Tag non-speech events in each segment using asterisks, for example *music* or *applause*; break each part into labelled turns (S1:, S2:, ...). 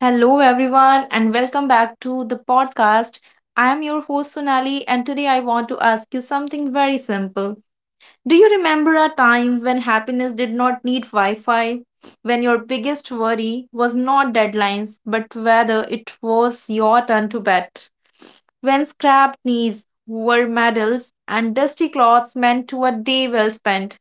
S1: Hello, everyone, and welcome back to the podcast. I am your host Sonali, and today I want to ask you something very simple. Do you remember a time when happiness did not need Wi Fi? When your biggest worry was not deadlines, but whether it was your turn to bet? When scrapped knees were medals and dusty clothes meant to a day well spent?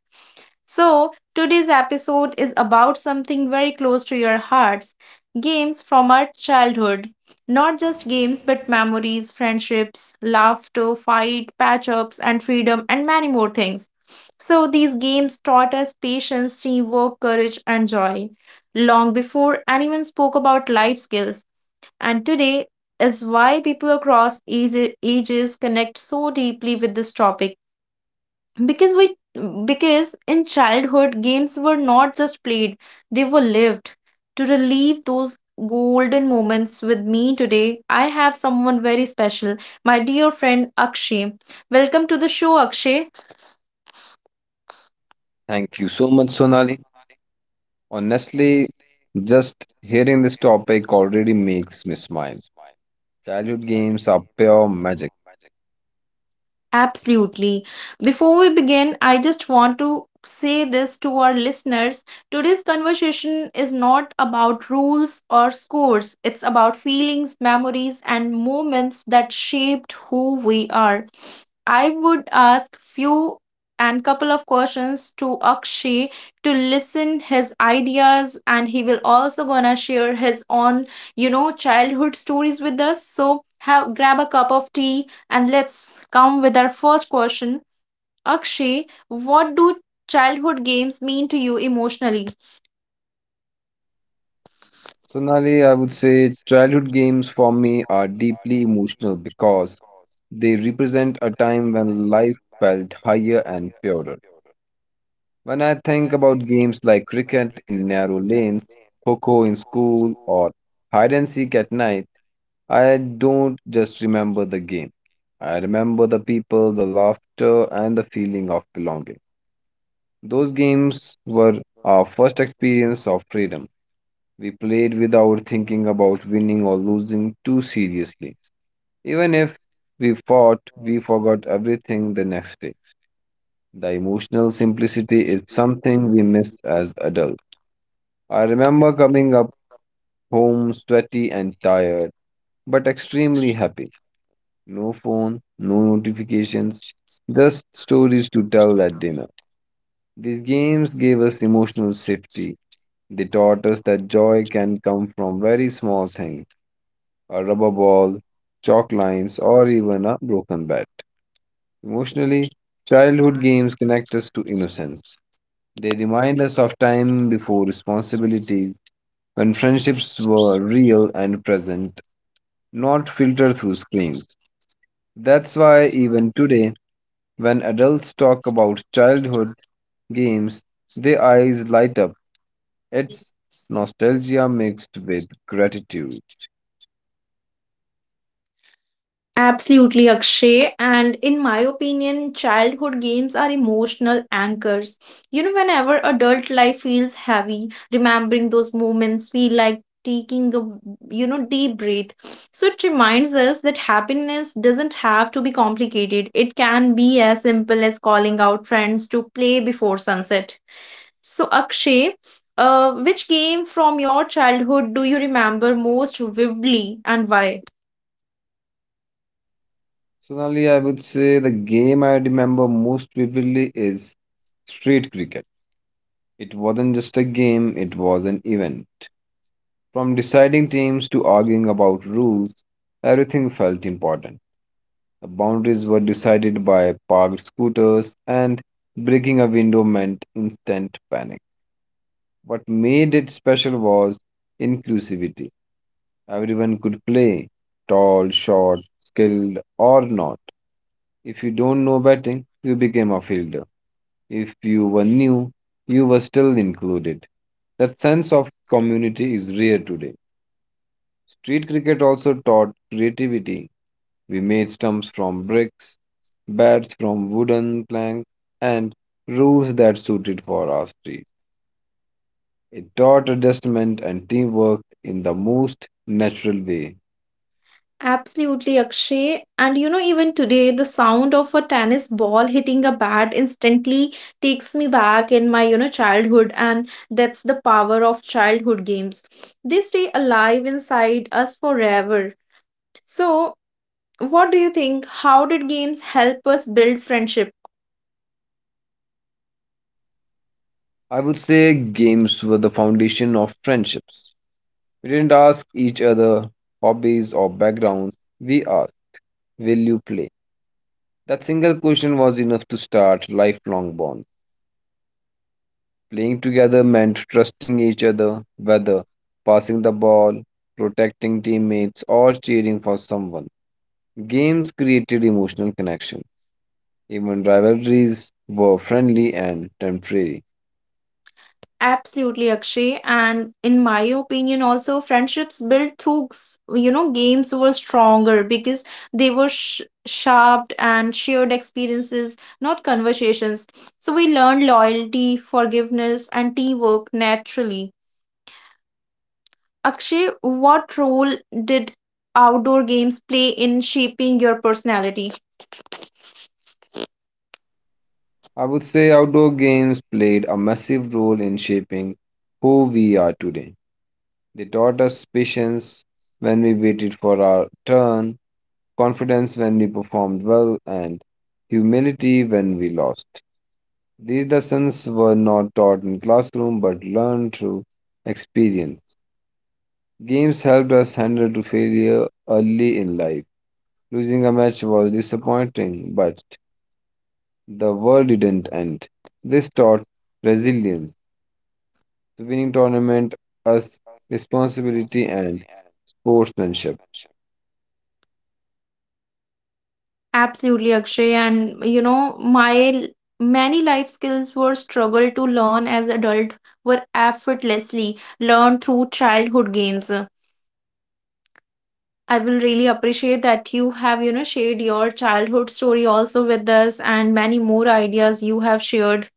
S1: So, today's episode is about something very close to your hearts, games from our childhood, not just games, but memories, friendships, laughter, fight, patch ups, and freedom, and many more things. So, these games taught us patience, teamwork, courage, and joy long before anyone spoke about life skills. And today is why people across ages connect so deeply with this topic, because we because in childhood games were not just played, they were lived to relive those golden moments. With me today I have someone very special, my dear friend Akshay. Welcome to the show, Akshay.
S2: Thank you so much, Sonali. Honestly, just hearing this topic already makes me smile. Childhood games are pure magic.
S1: Absolutely. Before we begin, I just want to say this to our listeners: today's conversation is not about rules or scores, it's about feelings, memories, and moments that shaped who we are. I would ask few and couple of questions to Akshay to listen his ideas, and he will also gonna share his own childhood stories with us. So have grab a cup of tea and let's come with our first question. Akshay, what do childhood games mean to you emotionally?
S2: Sonali, I would say childhood games for me are deeply emotional because they represent a time when life felt higher and purer. When I think about games like cricket in narrow lanes, coco in school, or hide and seek at night, I don't just remember the game. I remember the people, the laughter, and the feeling of belonging. Those games were our first experience of freedom. We played without thinking about winning or losing too seriously. Even if we fought, we forgot everything the next day. The emotional simplicity is something we miss as adults. I remember coming up home sweaty and tired, but extremely happy. No phone, no notifications, just stories to tell at dinner. These games gave us emotional safety. They taught us that joy can come from very small things: a rubber ball, chalk lines, or even a broken bat. Emotionally, childhood games connect us to innocence. They remind us of time before responsibilities, when friendships were real and present, not filtered through screens. That's why, even today, when adults talk about childhood games, their eyes light up. It's nostalgia mixed with gratitude.
S1: Absolutely, Akshay. And in my opinion, childhood games are emotional anchors. You know, whenever adult life feels heavy, remembering those moments feel like taking a deep breath. So it reminds us that happiness doesn't have to be complicated. It can be as simple as calling out friends to play before sunset. So, Akshay, which game from your childhood do you remember most vividly and why?
S2: So, Sonali, I would say the game I remember most vividly is street cricket. It wasn't just a game, it was an event. From deciding teams to arguing about rules, everything felt important. The boundaries were decided by parked scooters, and breaking a window meant instant panic. What made it special was inclusivity. Everyone could play, tall, short, skilled, or not. If you don't know batting, you became a fielder. If you were new, you were still included. That sense of community is rare today. Street cricket also taught creativity. We made stumps from bricks, beds from wooden planks, and roofs that suited for our street. It taught adjustment and teamwork in the most natural way.
S1: Absolutely, Akshay. And you know, even today, the sound of a tennis ball hitting a bat instantly takes me back in my, childhood. And that's the power of childhood games. They stay alive inside us forever. So, what do you think? How did games help us build friendship?
S2: I would say games were the foundation of friendships. We didn't ask each other hobbies or backgrounds, we asked, "Will you play?" That single question was enough to start lifelong bonds. Playing together meant trusting each other, whether passing the ball, protecting teammates, or cheering for someone. Games created emotional connection. Even rivalries were friendly and temporary.
S1: Absolutely, Akshay. And in my opinion, also, friendships built through, games were stronger because they were sharp and shared experiences, not conversations. So we learned loyalty, forgiveness, and teamwork naturally. Akshay, what role did outdoor games play in shaping your personality?
S2: I would say outdoor games played a massive role in shaping who we are today. They taught us patience when we waited for our turn, confidence when we performed well, and humility when we lost. These lessons were not taught in classroom but learned through experience. Games helped us handle to failure early in life. Losing a match was disappointing, but the world didn't end. This taught resilience. The winning tournament us responsibility and sportsmanship.
S1: Absolutely, Akshay. And you know, many life skills were struggled to learn as adult were effortlessly learned through childhood games. I will really appreciate that you have, shared your childhood story also with us, and many more ideas you have shared.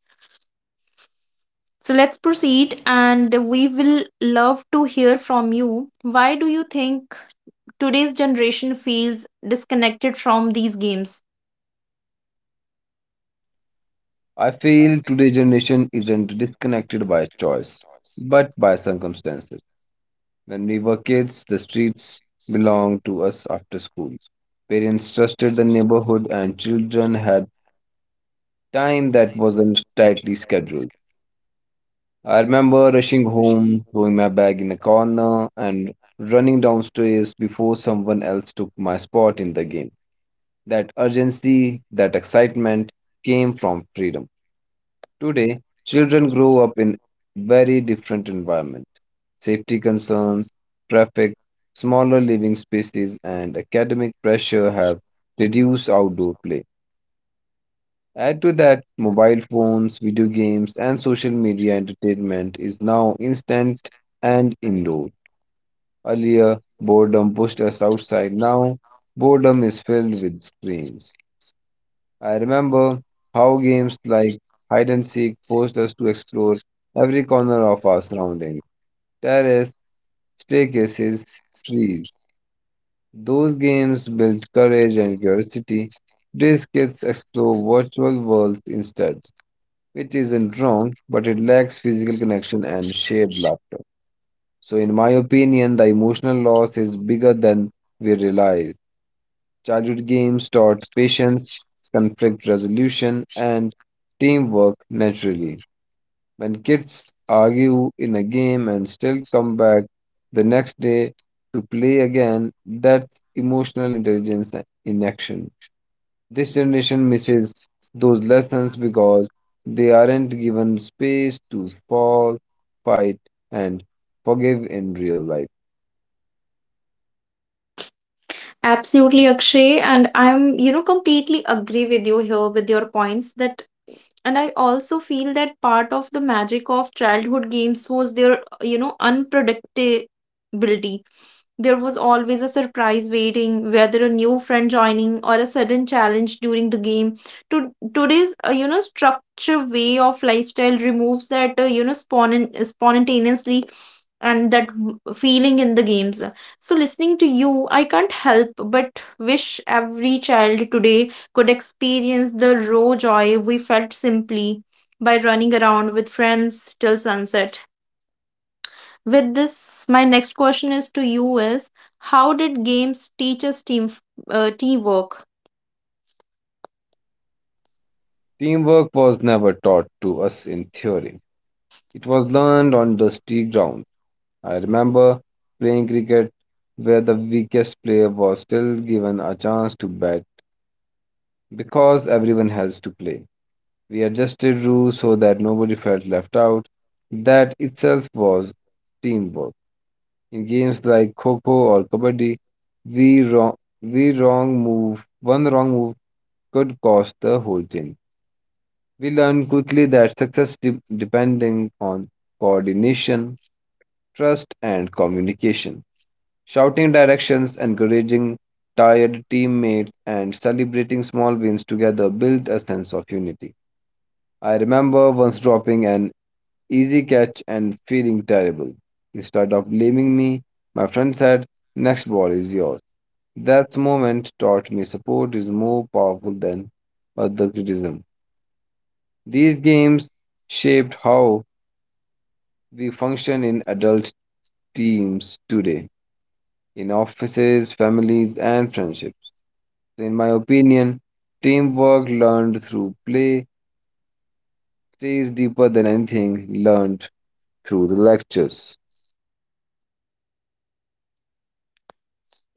S1: So let's proceed, and we will love to hear from you. Why do you think today's generation feels disconnected from these games?
S2: I feel today's generation isn't disconnected by choice, but by circumstances. When we were kids, the streets belonged to us after school. Parents trusted the neighborhood, and children had time that wasn't tightly scheduled. I remember rushing home, throwing my bag in a corner, and running downstairs before someone else took my spot in the game. That urgency, that excitement came from freedom. Today, children grow up in very different environment. Safety concerns, traffic, smaller living spaces, and academic pressure have reduced outdoor play. Add to that, mobile phones, video games, and social media entertainment is now instant and indoor. Earlier, boredom pushed us outside. Now, boredom is filled with screens. I remember how games like hide and seek forced us to explore every corner of our surroundings: terrace, staircases, trees. Those games built courage and curiosity. These kids explore virtual worlds instead, which isn't wrong, but it lacks physical connection and shared laughter. So, in my opinion, the emotional loss is bigger than we realize. Childhood games taught patience, conflict resolution, and teamwork naturally. When kids argue in a game and still come back the next day to play again, that's emotional intelligence in action. This generation misses those lessons because they aren't given space to fall, fight, and forgive in real life.
S1: Absolutely, Akshay. And I'm, completely agree with you here with your points that, and I also feel that part of the magic of childhood games was their, unpredictability. There was always a surprise waiting, whether a new friend joining or a sudden challenge during the game. To today's structure way of lifestyle removes that spontaneously and that feeling in the games. So listening to you, I can't help but wish every child today could experience the raw joy we felt simply by running around with friends till sunset. With this, my next question is to you is, how did games teach us teamwork?
S2: Teamwork was never taught to us in theory. It was learned on dusty ground. I remember playing cricket where the weakest player was still given a chance to bat because everyone has to play. We adjusted rules so that nobody felt left out. That itself was teamwork. In games like Kho-Kho or Kabaddi, we wrong, one wrong move could cost the whole team. We learned quickly that success depending on coordination, trust, and communication. Shouting directions, encouraging tired teammates, and celebrating small wins together build a sense of unity. I remember once dropping an easy catch and feeling terrible. Instead of blaming me, my friend said, "Next ball is yours." That moment taught me support is more powerful than other criticism. These games shaped how we function in adult teams today, in offices, families, and friendships. In my opinion, teamwork learned through play stays deeper than anything learned through the lectures.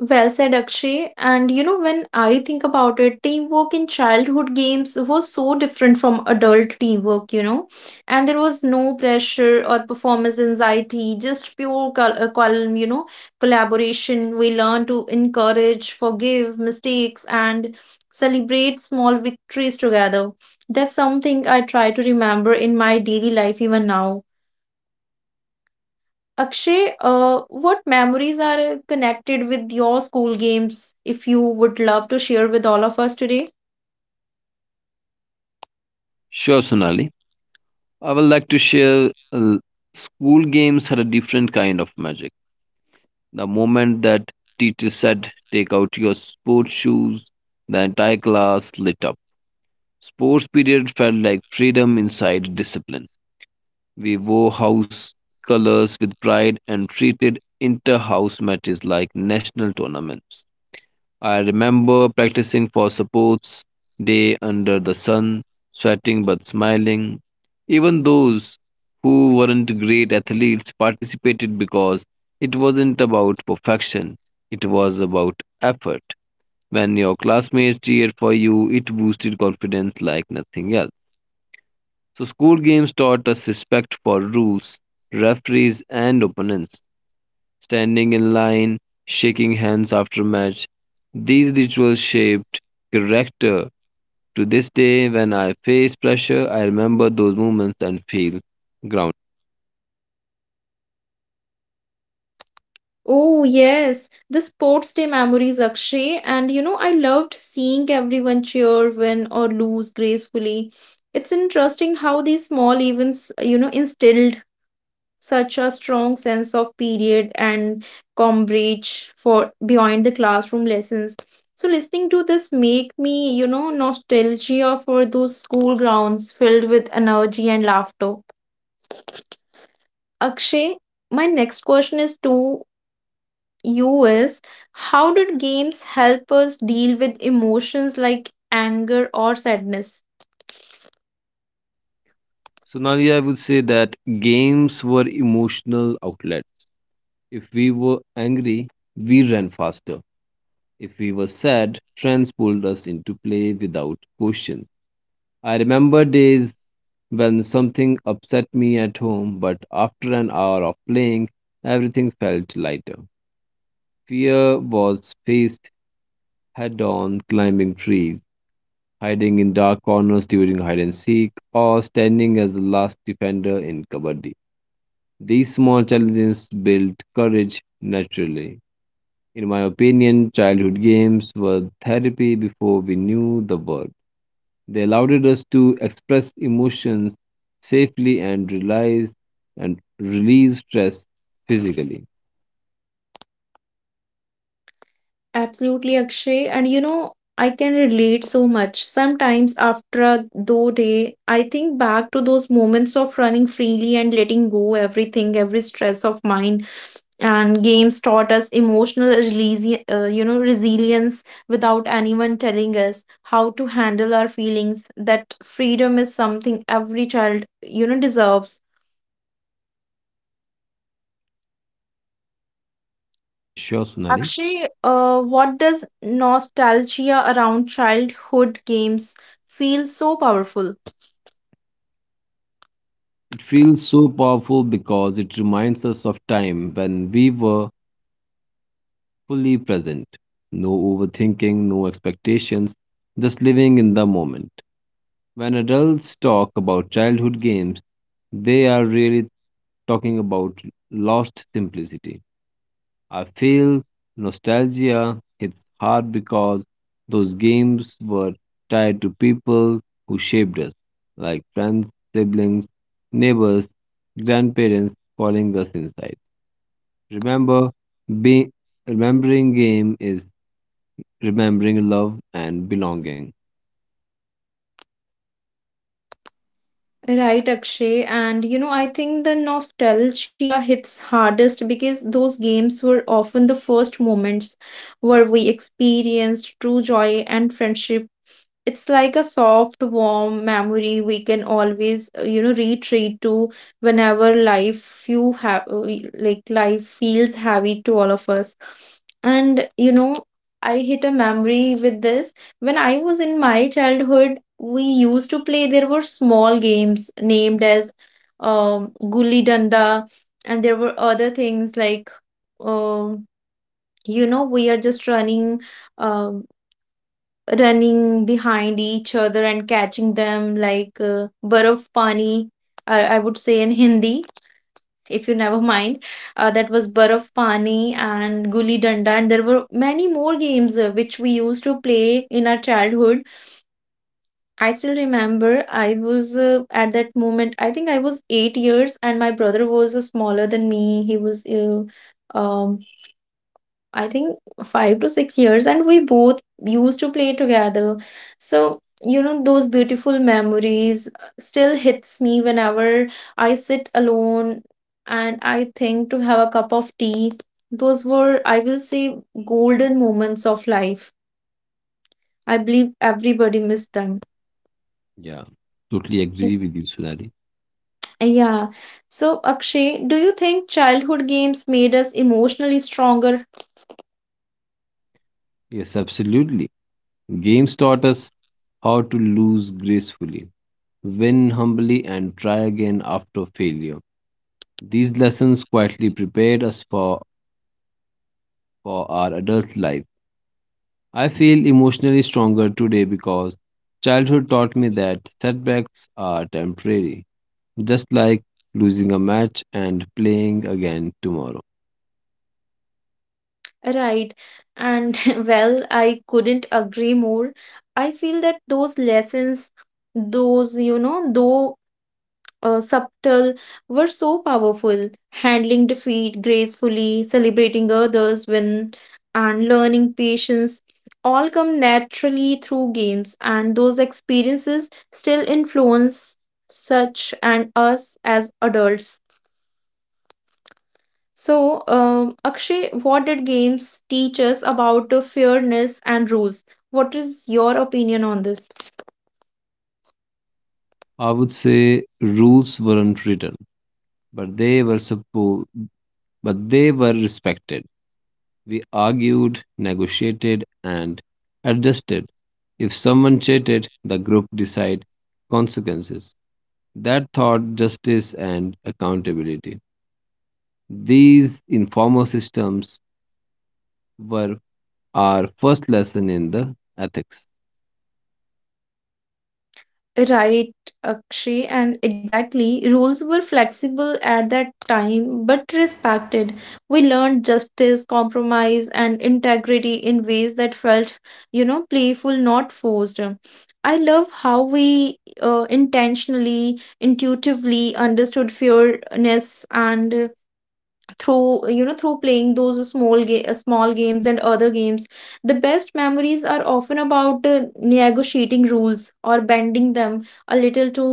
S1: Well said, Akshay. And you know, when I think about it, teamwork in childhood games was so different from adult teamwork. And there was no pressure or performance anxiety, just pure calm, collaboration. We learned to encourage, forgive mistakes, and celebrate small victories together. That's something I try to remember in my daily life even now. Akshay, what memories are connected with your school games if you would love to share with all of us today?
S2: Sure, Sonali. I would like to share school games had a different kind of magic. The moment that teacher said, "take out your sports shoes," the entire class lit up. Sports period felt like freedom inside discipline. We wore house colors with pride and treated inter-house matches like national tournaments. I remember practicing for sports day under the sun, sweating but smiling. Even those who weren't great athletes participated because it wasn't about perfection, it was about effort. When your classmates cheered for you, it boosted confidence like nothing else. So, school games taught us respect for rules, referees, and opponents, standing in line, shaking hands after match. These rituals shaped character. To this day, when I face pressure, I remember those moments and feel grounded.
S1: Oh, yes, the sports day memories, Akshay. And you know, I loved seeing everyone cheer, win, or lose gracefully. It's interesting how these small events, instilled such a strong sense of period and coverage for beyond the classroom lessons. So listening to this make me nostalgia for those school grounds filled with energy and laughter. Akshay, my next question is to you is, how did games help us deal with emotions like anger or sadness?
S2: So, Nadia, I would say that games were emotional outlets. If we were angry, we ran faster. If we were sad, friends pulled us into play without questions. I remember days when something upset me at home, but after an hour of playing, everything felt lighter. Fear was faced head on, climbing trees, hiding in dark corners during hide and seek, or standing as the last defender in kabaddi. These small challenges built courage naturally. In my opinion, childhood games were therapy before we knew the word. They allowed us to express emotions safely and realize and release stress physically.
S1: Absolutely, Akshay. And you know, I can relate so much. Sometimes after a though day, I think back to those moments of running freely and letting go everything, every stress of mine. And games taught us emotional release, resilience without anyone telling us how to handle our feelings. That freedom is something every child, deserves.
S2: Yeah, sure, Sonali.
S1: Akshay, what does nostalgia around childhood games feel so powerful?
S2: It feels so powerful because it reminds us of time when we were fully present. No overthinking, no expectations, just living in the moment. When adults talk about childhood games, they are really talking about lost simplicity. I feel nostalgia hits hard because those games were tied to people who shaped us, like friends, siblings, neighbors, grandparents calling us inside. Remember, be, Remembering game is remembering love and belonging.
S1: Right, Akshay. And you know, I think the nostalgia hits hardest because those games were often the first moments where we experienced true joy and friendship. It's like a soft, warm memory we can always, retreat to whenever life you have, like life feels heavy to all of us. And I hit a memory with this. When I was in my childhood, we used to play. There were small games named as gulli danda, and there were other things like, um, we are just running. Um, Running behind each other and catching them, like barf pani, I would say in Hindi, if you never mind. That was barf pani and guli danda, and there were many more games which we used to play in our childhood. I still remember, I was at that moment I think I was 8 years, and my brother was smaller than me. He was um I think 5 to 6 years, and we both used to play together. So, those beautiful memories still hits me whenever I sit alone and I think to have a cup of tea. Those were, I will say, golden moments of life. I believe everybody missed them.
S2: Yeah, totally
S1: Y-
S2: agree with you, Sunari.
S1: Yeah. So, Akshay, do you think childhood games made us emotionally stronger?
S2: Yes, absolutely. Games taught us how to lose gracefully, win humbly, and try again after failure. These lessons quietly prepared us for our adult life. I feel emotionally stronger today because childhood taught me that setbacks are temporary, just like losing a match and playing again tomorrow.
S1: Right. And *laughs* well, I couldn't agree more. I feel that those lessons, those, you know, though subtle, were so powerful. Handling defeat gracefully, celebrating others when, and learning patience all come naturally through games, and those experiences still influence such and us as adults. So, Akshay, what did games teach us about fairness and rules? What is your opinion on this?
S2: I would say rules weren't written, but they were suppo- but they were respected. We argued, negotiated, and adjusted. If someone cheated, the group decided consequences. That taught justice and accountability. These informal systems were our first lesson in the ethics.
S1: Right, Akshay, and exactly, rules were flexible at that time but respected. We learned justice, compromise, and integrity in ways that felt, playful, not forced. I love how we intentionally, intuitively understood fairness and through you know through playing those small games and other games. The best memories are often about negotiating rules or bending them a little to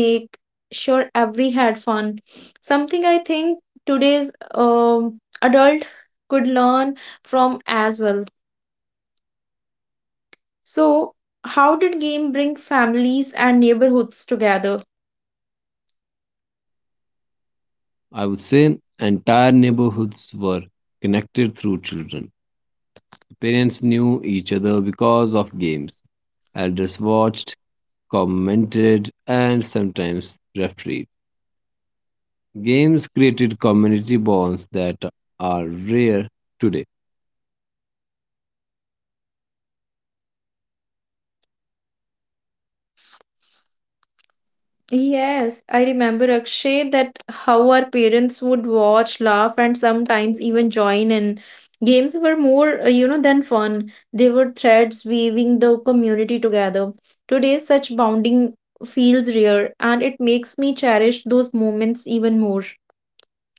S1: make sure every had fun, something I think today's adult could learn from as well. So, how did game bring families and neighborhoods together?
S2: I would say entire neighborhoods were connected through children. Parents knew each other because of games. Elders watched, commented, and sometimes refereed. Games created community bonds that are rare today.
S1: Yes, I remember Akshay that how our parents would watch, laugh, and sometimes even join in. Games were more, than fun. They were threads weaving the community together. Today, such bonding feels rare, and it makes me cherish those moments even more.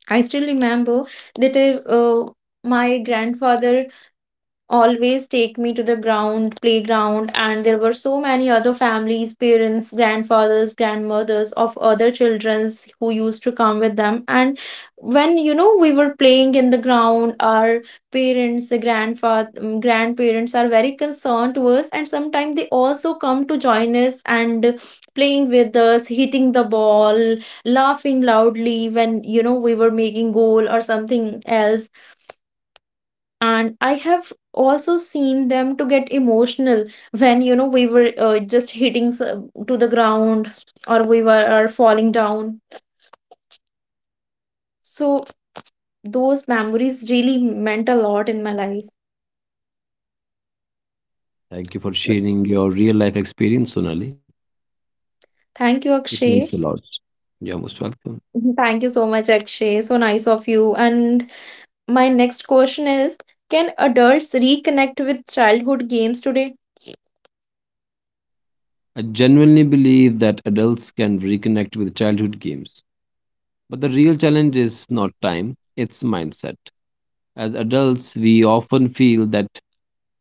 S1: I still remember that my grandfather always take me to the ground playground, and there were so many other families, parents, grandfathers, grandmothers of other childrens who used to come with them. And when we were playing in the ground, our parents, the grandfather, grandparents are very concerned to us, and sometimes they also come to join us and playing with us, hitting the ball, laughing loudly when we were making goal or something else. And I have also seen them to get emotional when we were just hitting to the ground, or we were are falling down. So those memories really meant a lot in my life.
S2: Thank you for sharing your real life experience, Sonali.
S1: Thank you,
S2: It means a
S1: Akshay.
S2: lot. You're most welcome.
S1: *laughs* Thank you so much, Akshay. So nice of you. And my next question is, can adults reconnect with childhood games today?
S2: I genuinely believe that adults can reconnect with childhood games. But the real challenge is not time, it's mindset. As adults, we often feel that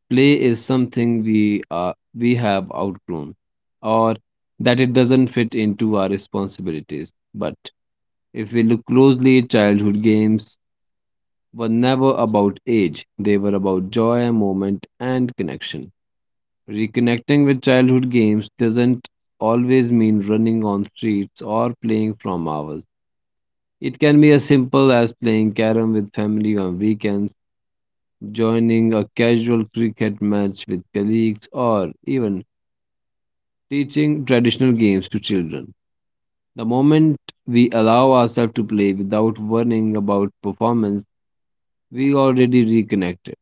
S2: play is something we have outgrown or that it doesn't fit into our responsibilities. But if we look closely, childhood games were never about age. They were about joy, moment and connection. Reconnecting with childhood games doesn't always mean running on streets or playing from hours. It can be as simple as playing carom with family on weekends, joining a casual cricket match with colleagues, or even teaching traditional games to children. The moment we allow ourselves to play without worrying about performance, we already reconnected.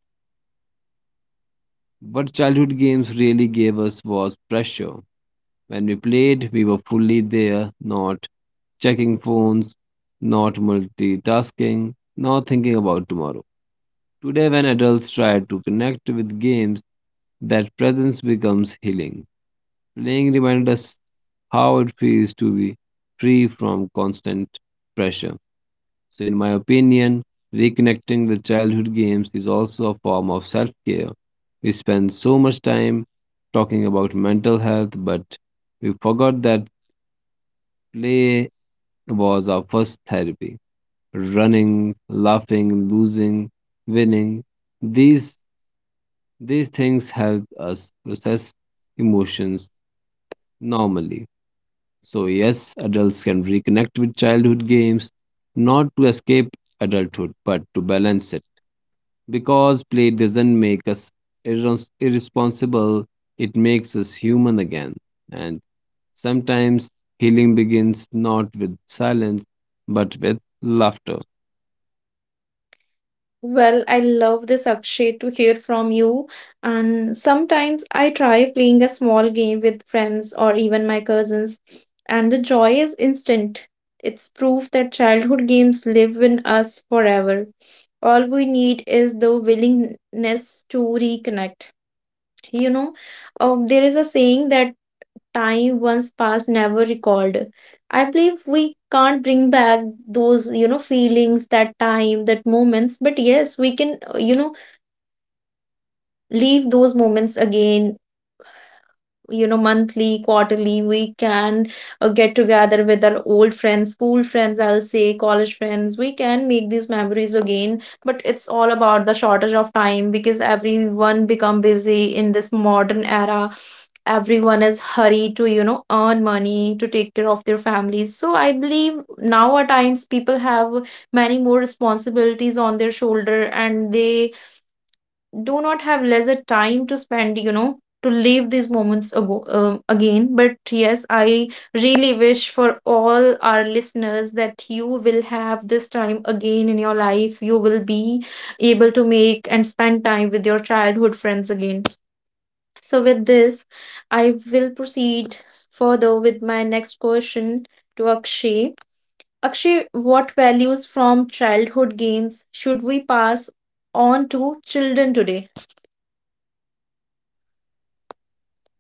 S2: What childhood games really gave us was pressure. When we played, we were fully there, not checking phones, not multitasking, not thinking about tomorrow. Today, when adults try to connect with games, that presence becomes healing. Playing reminds us how it feels to be free from constant pressure. So, in my opinion, reconnecting with childhood games is also a form of self care. We spend so much time talking about mental health, but we forgot that play was our first therapy: running, laughing, losing, winning. These these things help us process emotions normally. So yes, adults can reconnect with childhood games, not to escape adulthood, but to balance it. Because play doesn't make us irresponsible, it makes us human again. And sometimes healing begins not with silence, but with laughter.
S1: Well, I love this, Akshay, to hear from you. And sometimes I try playing a small game with friends or even my cousins, and the joy is instant. It's proof that childhood games live in us forever. All we need is the willingness to reconnect. you know there is a saying that time once past never recalled. I believe we can't bring back those feelings, that time, that moments, but yes we can leave those moments again, monthly, quarterly. We can get together with our old friends, school friends, I'll say, college friends. We can make these memories again, but it's all about the shortage of time because everyone become busy in this modern era. Everyone is hurried to, earn money to take care of their families. So I believe now at times people have many more responsibilities on their shoulder, and they do not have lesser time to spend to live these moments ago, again. But yes, I really wish for all our listeners that you will have this time again in your life. You will be able to make and spend time with your childhood friends again. So with this, I will proceed further with my next question to Akshay. Akshay, what values from childhood games should we pass on to children today?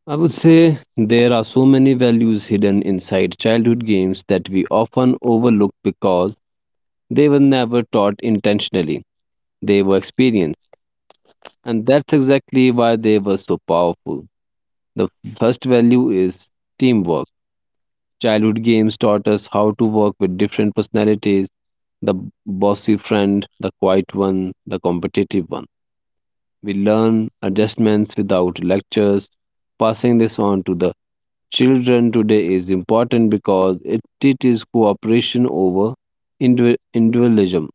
S2: I would say there are so many values hidden inside childhood games that we often overlook because they were never taught intentionally. They were experienced. And that's exactly why they were so powerful. The first value is teamwork. Childhood games taught us how to work with different personalities: the bossy friend, the quiet one, the competitive one. We learn adjustments without lectures, passing this on to the children today is important because it teaches cooperation over individualism.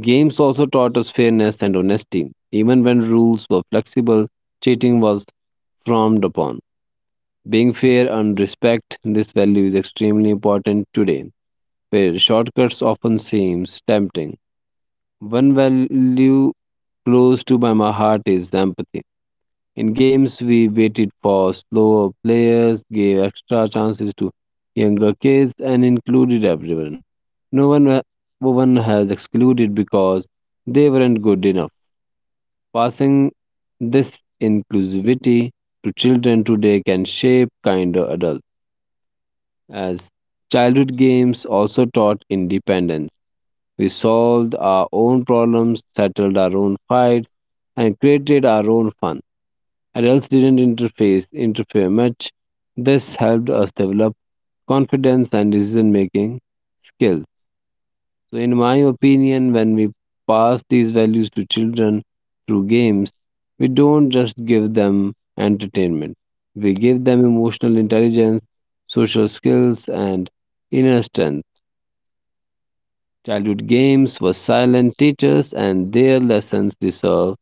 S2: Games also taught us fairness and honesty. Even when rules were flexible, cheating was frowned upon. Being fair and respect this value is extremely important today, where shortcuts often seem tempting. One value close to my heart is empathy. In games, we waited for slower players, gave extra chances to younger kids, and included everyone. No one, wa- no one has excluded because they weren't good enough. Passing this inclusivity to children today can shape kinder adults. As childhood games also taught independence, we solved our own problems, settled our own fights, and created our own fun. Adults didn't interface interfere much. This helped us develop confidence and decision making skills. So in my opinion, when we pass these values to children through games, we don't just give them entertainment. We give them emotional intelligence, social skills and inner strength. Childhood games were silent teachers and their lessons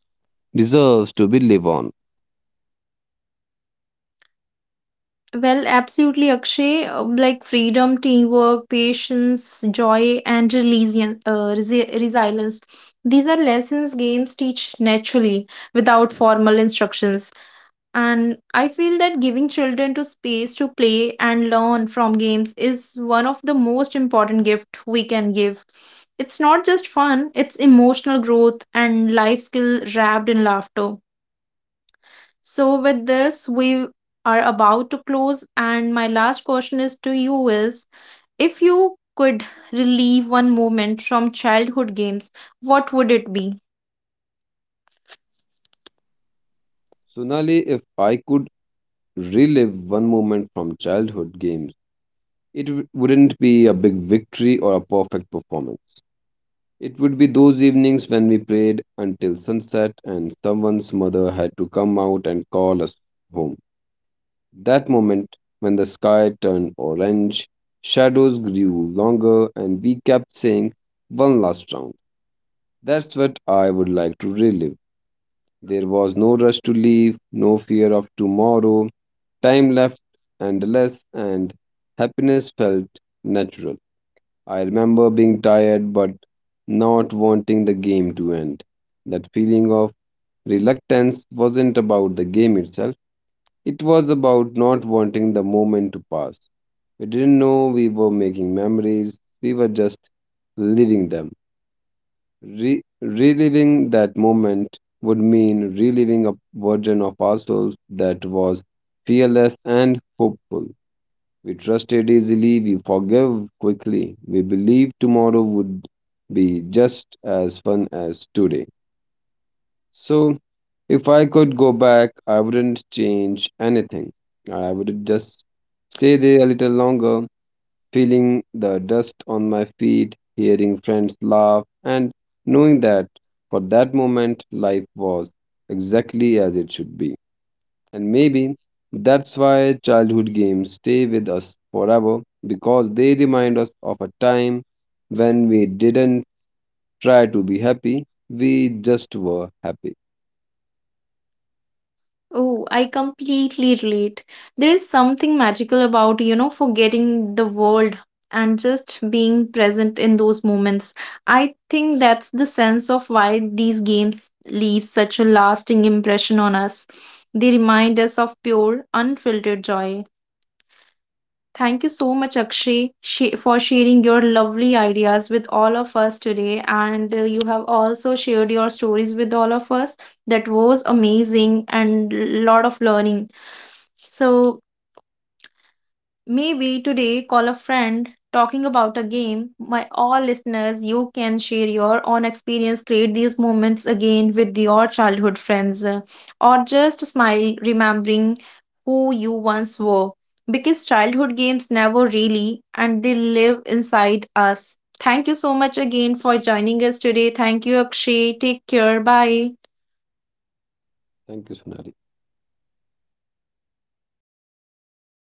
S2: deserves to be live on.
S1: Well, absolutely, Akshay. Like freedom, teamwork, patience, joy, and resilience. These are lessons games teach naturally without formal instructions. And I feel that giving children to space to play and learn from games is one of the most important gift we can give. It's not just fun, it's emotional growth and life skill wrapped in laughter. So, with this, we are about to close. And my last question is to you is, if you could relive one moment from childhood games, what would it be?
S2: Sonali, if I could relive one moment from childhood games, it wouldn't be a big victory or a perfect performance. It would be those evenings when we played until sunset and someone's mother had to come out and call us home. That moment when the sky turned orange, shadows grew longer, and we kept saying, "one last round." That's what I would like to relive. There was no rush to leave, no fear of tomorrow. Time left endless, and happiness felt natural. I remember being tired but not wanting the game to end. That feeling of reluctance wasn't about the game itself, it was about not wanting the moment to pass. We didn't know we were making memories, we were just living them. Reliving that moment would mean reliving a version of ourselves that was fearless and hopeful. We trusted easily, we forgave quickly, we believed tomorrow would be just as fun as today. So, if I could go back, I wouldn't change anything. I would just stay there a little longer, feeling the dust on my feet, hearing friends laugh, and knowing that for that moment life was exactly as it should be. And maybe that's why childhood games stay with us forever because they remind us of a time when we didn't try to be happy, we just were happy.
S1: Oh, I completely relate. There is something magical about, forgetting the world and just being present in those moments. I think that's the sense of why these games leave such a lasting impression on us. They remind us of pure, unfiltered joy. Thank you so much, Akshay, for sharing your lovely ideas with all of us today. And you have also shared your stories with all of us. That was amazing and lot of learning. So, maybe today call a friend talking about a game. My all listeners, you can share your own experience, create these moments again with your childhood friends, or just smile remembering who you once were. Because childhood games never really and they live inside us. Thank you so much again for joining us today. Thank you, Akshay. Take care. Bye.
S2: Thank you, Sonali.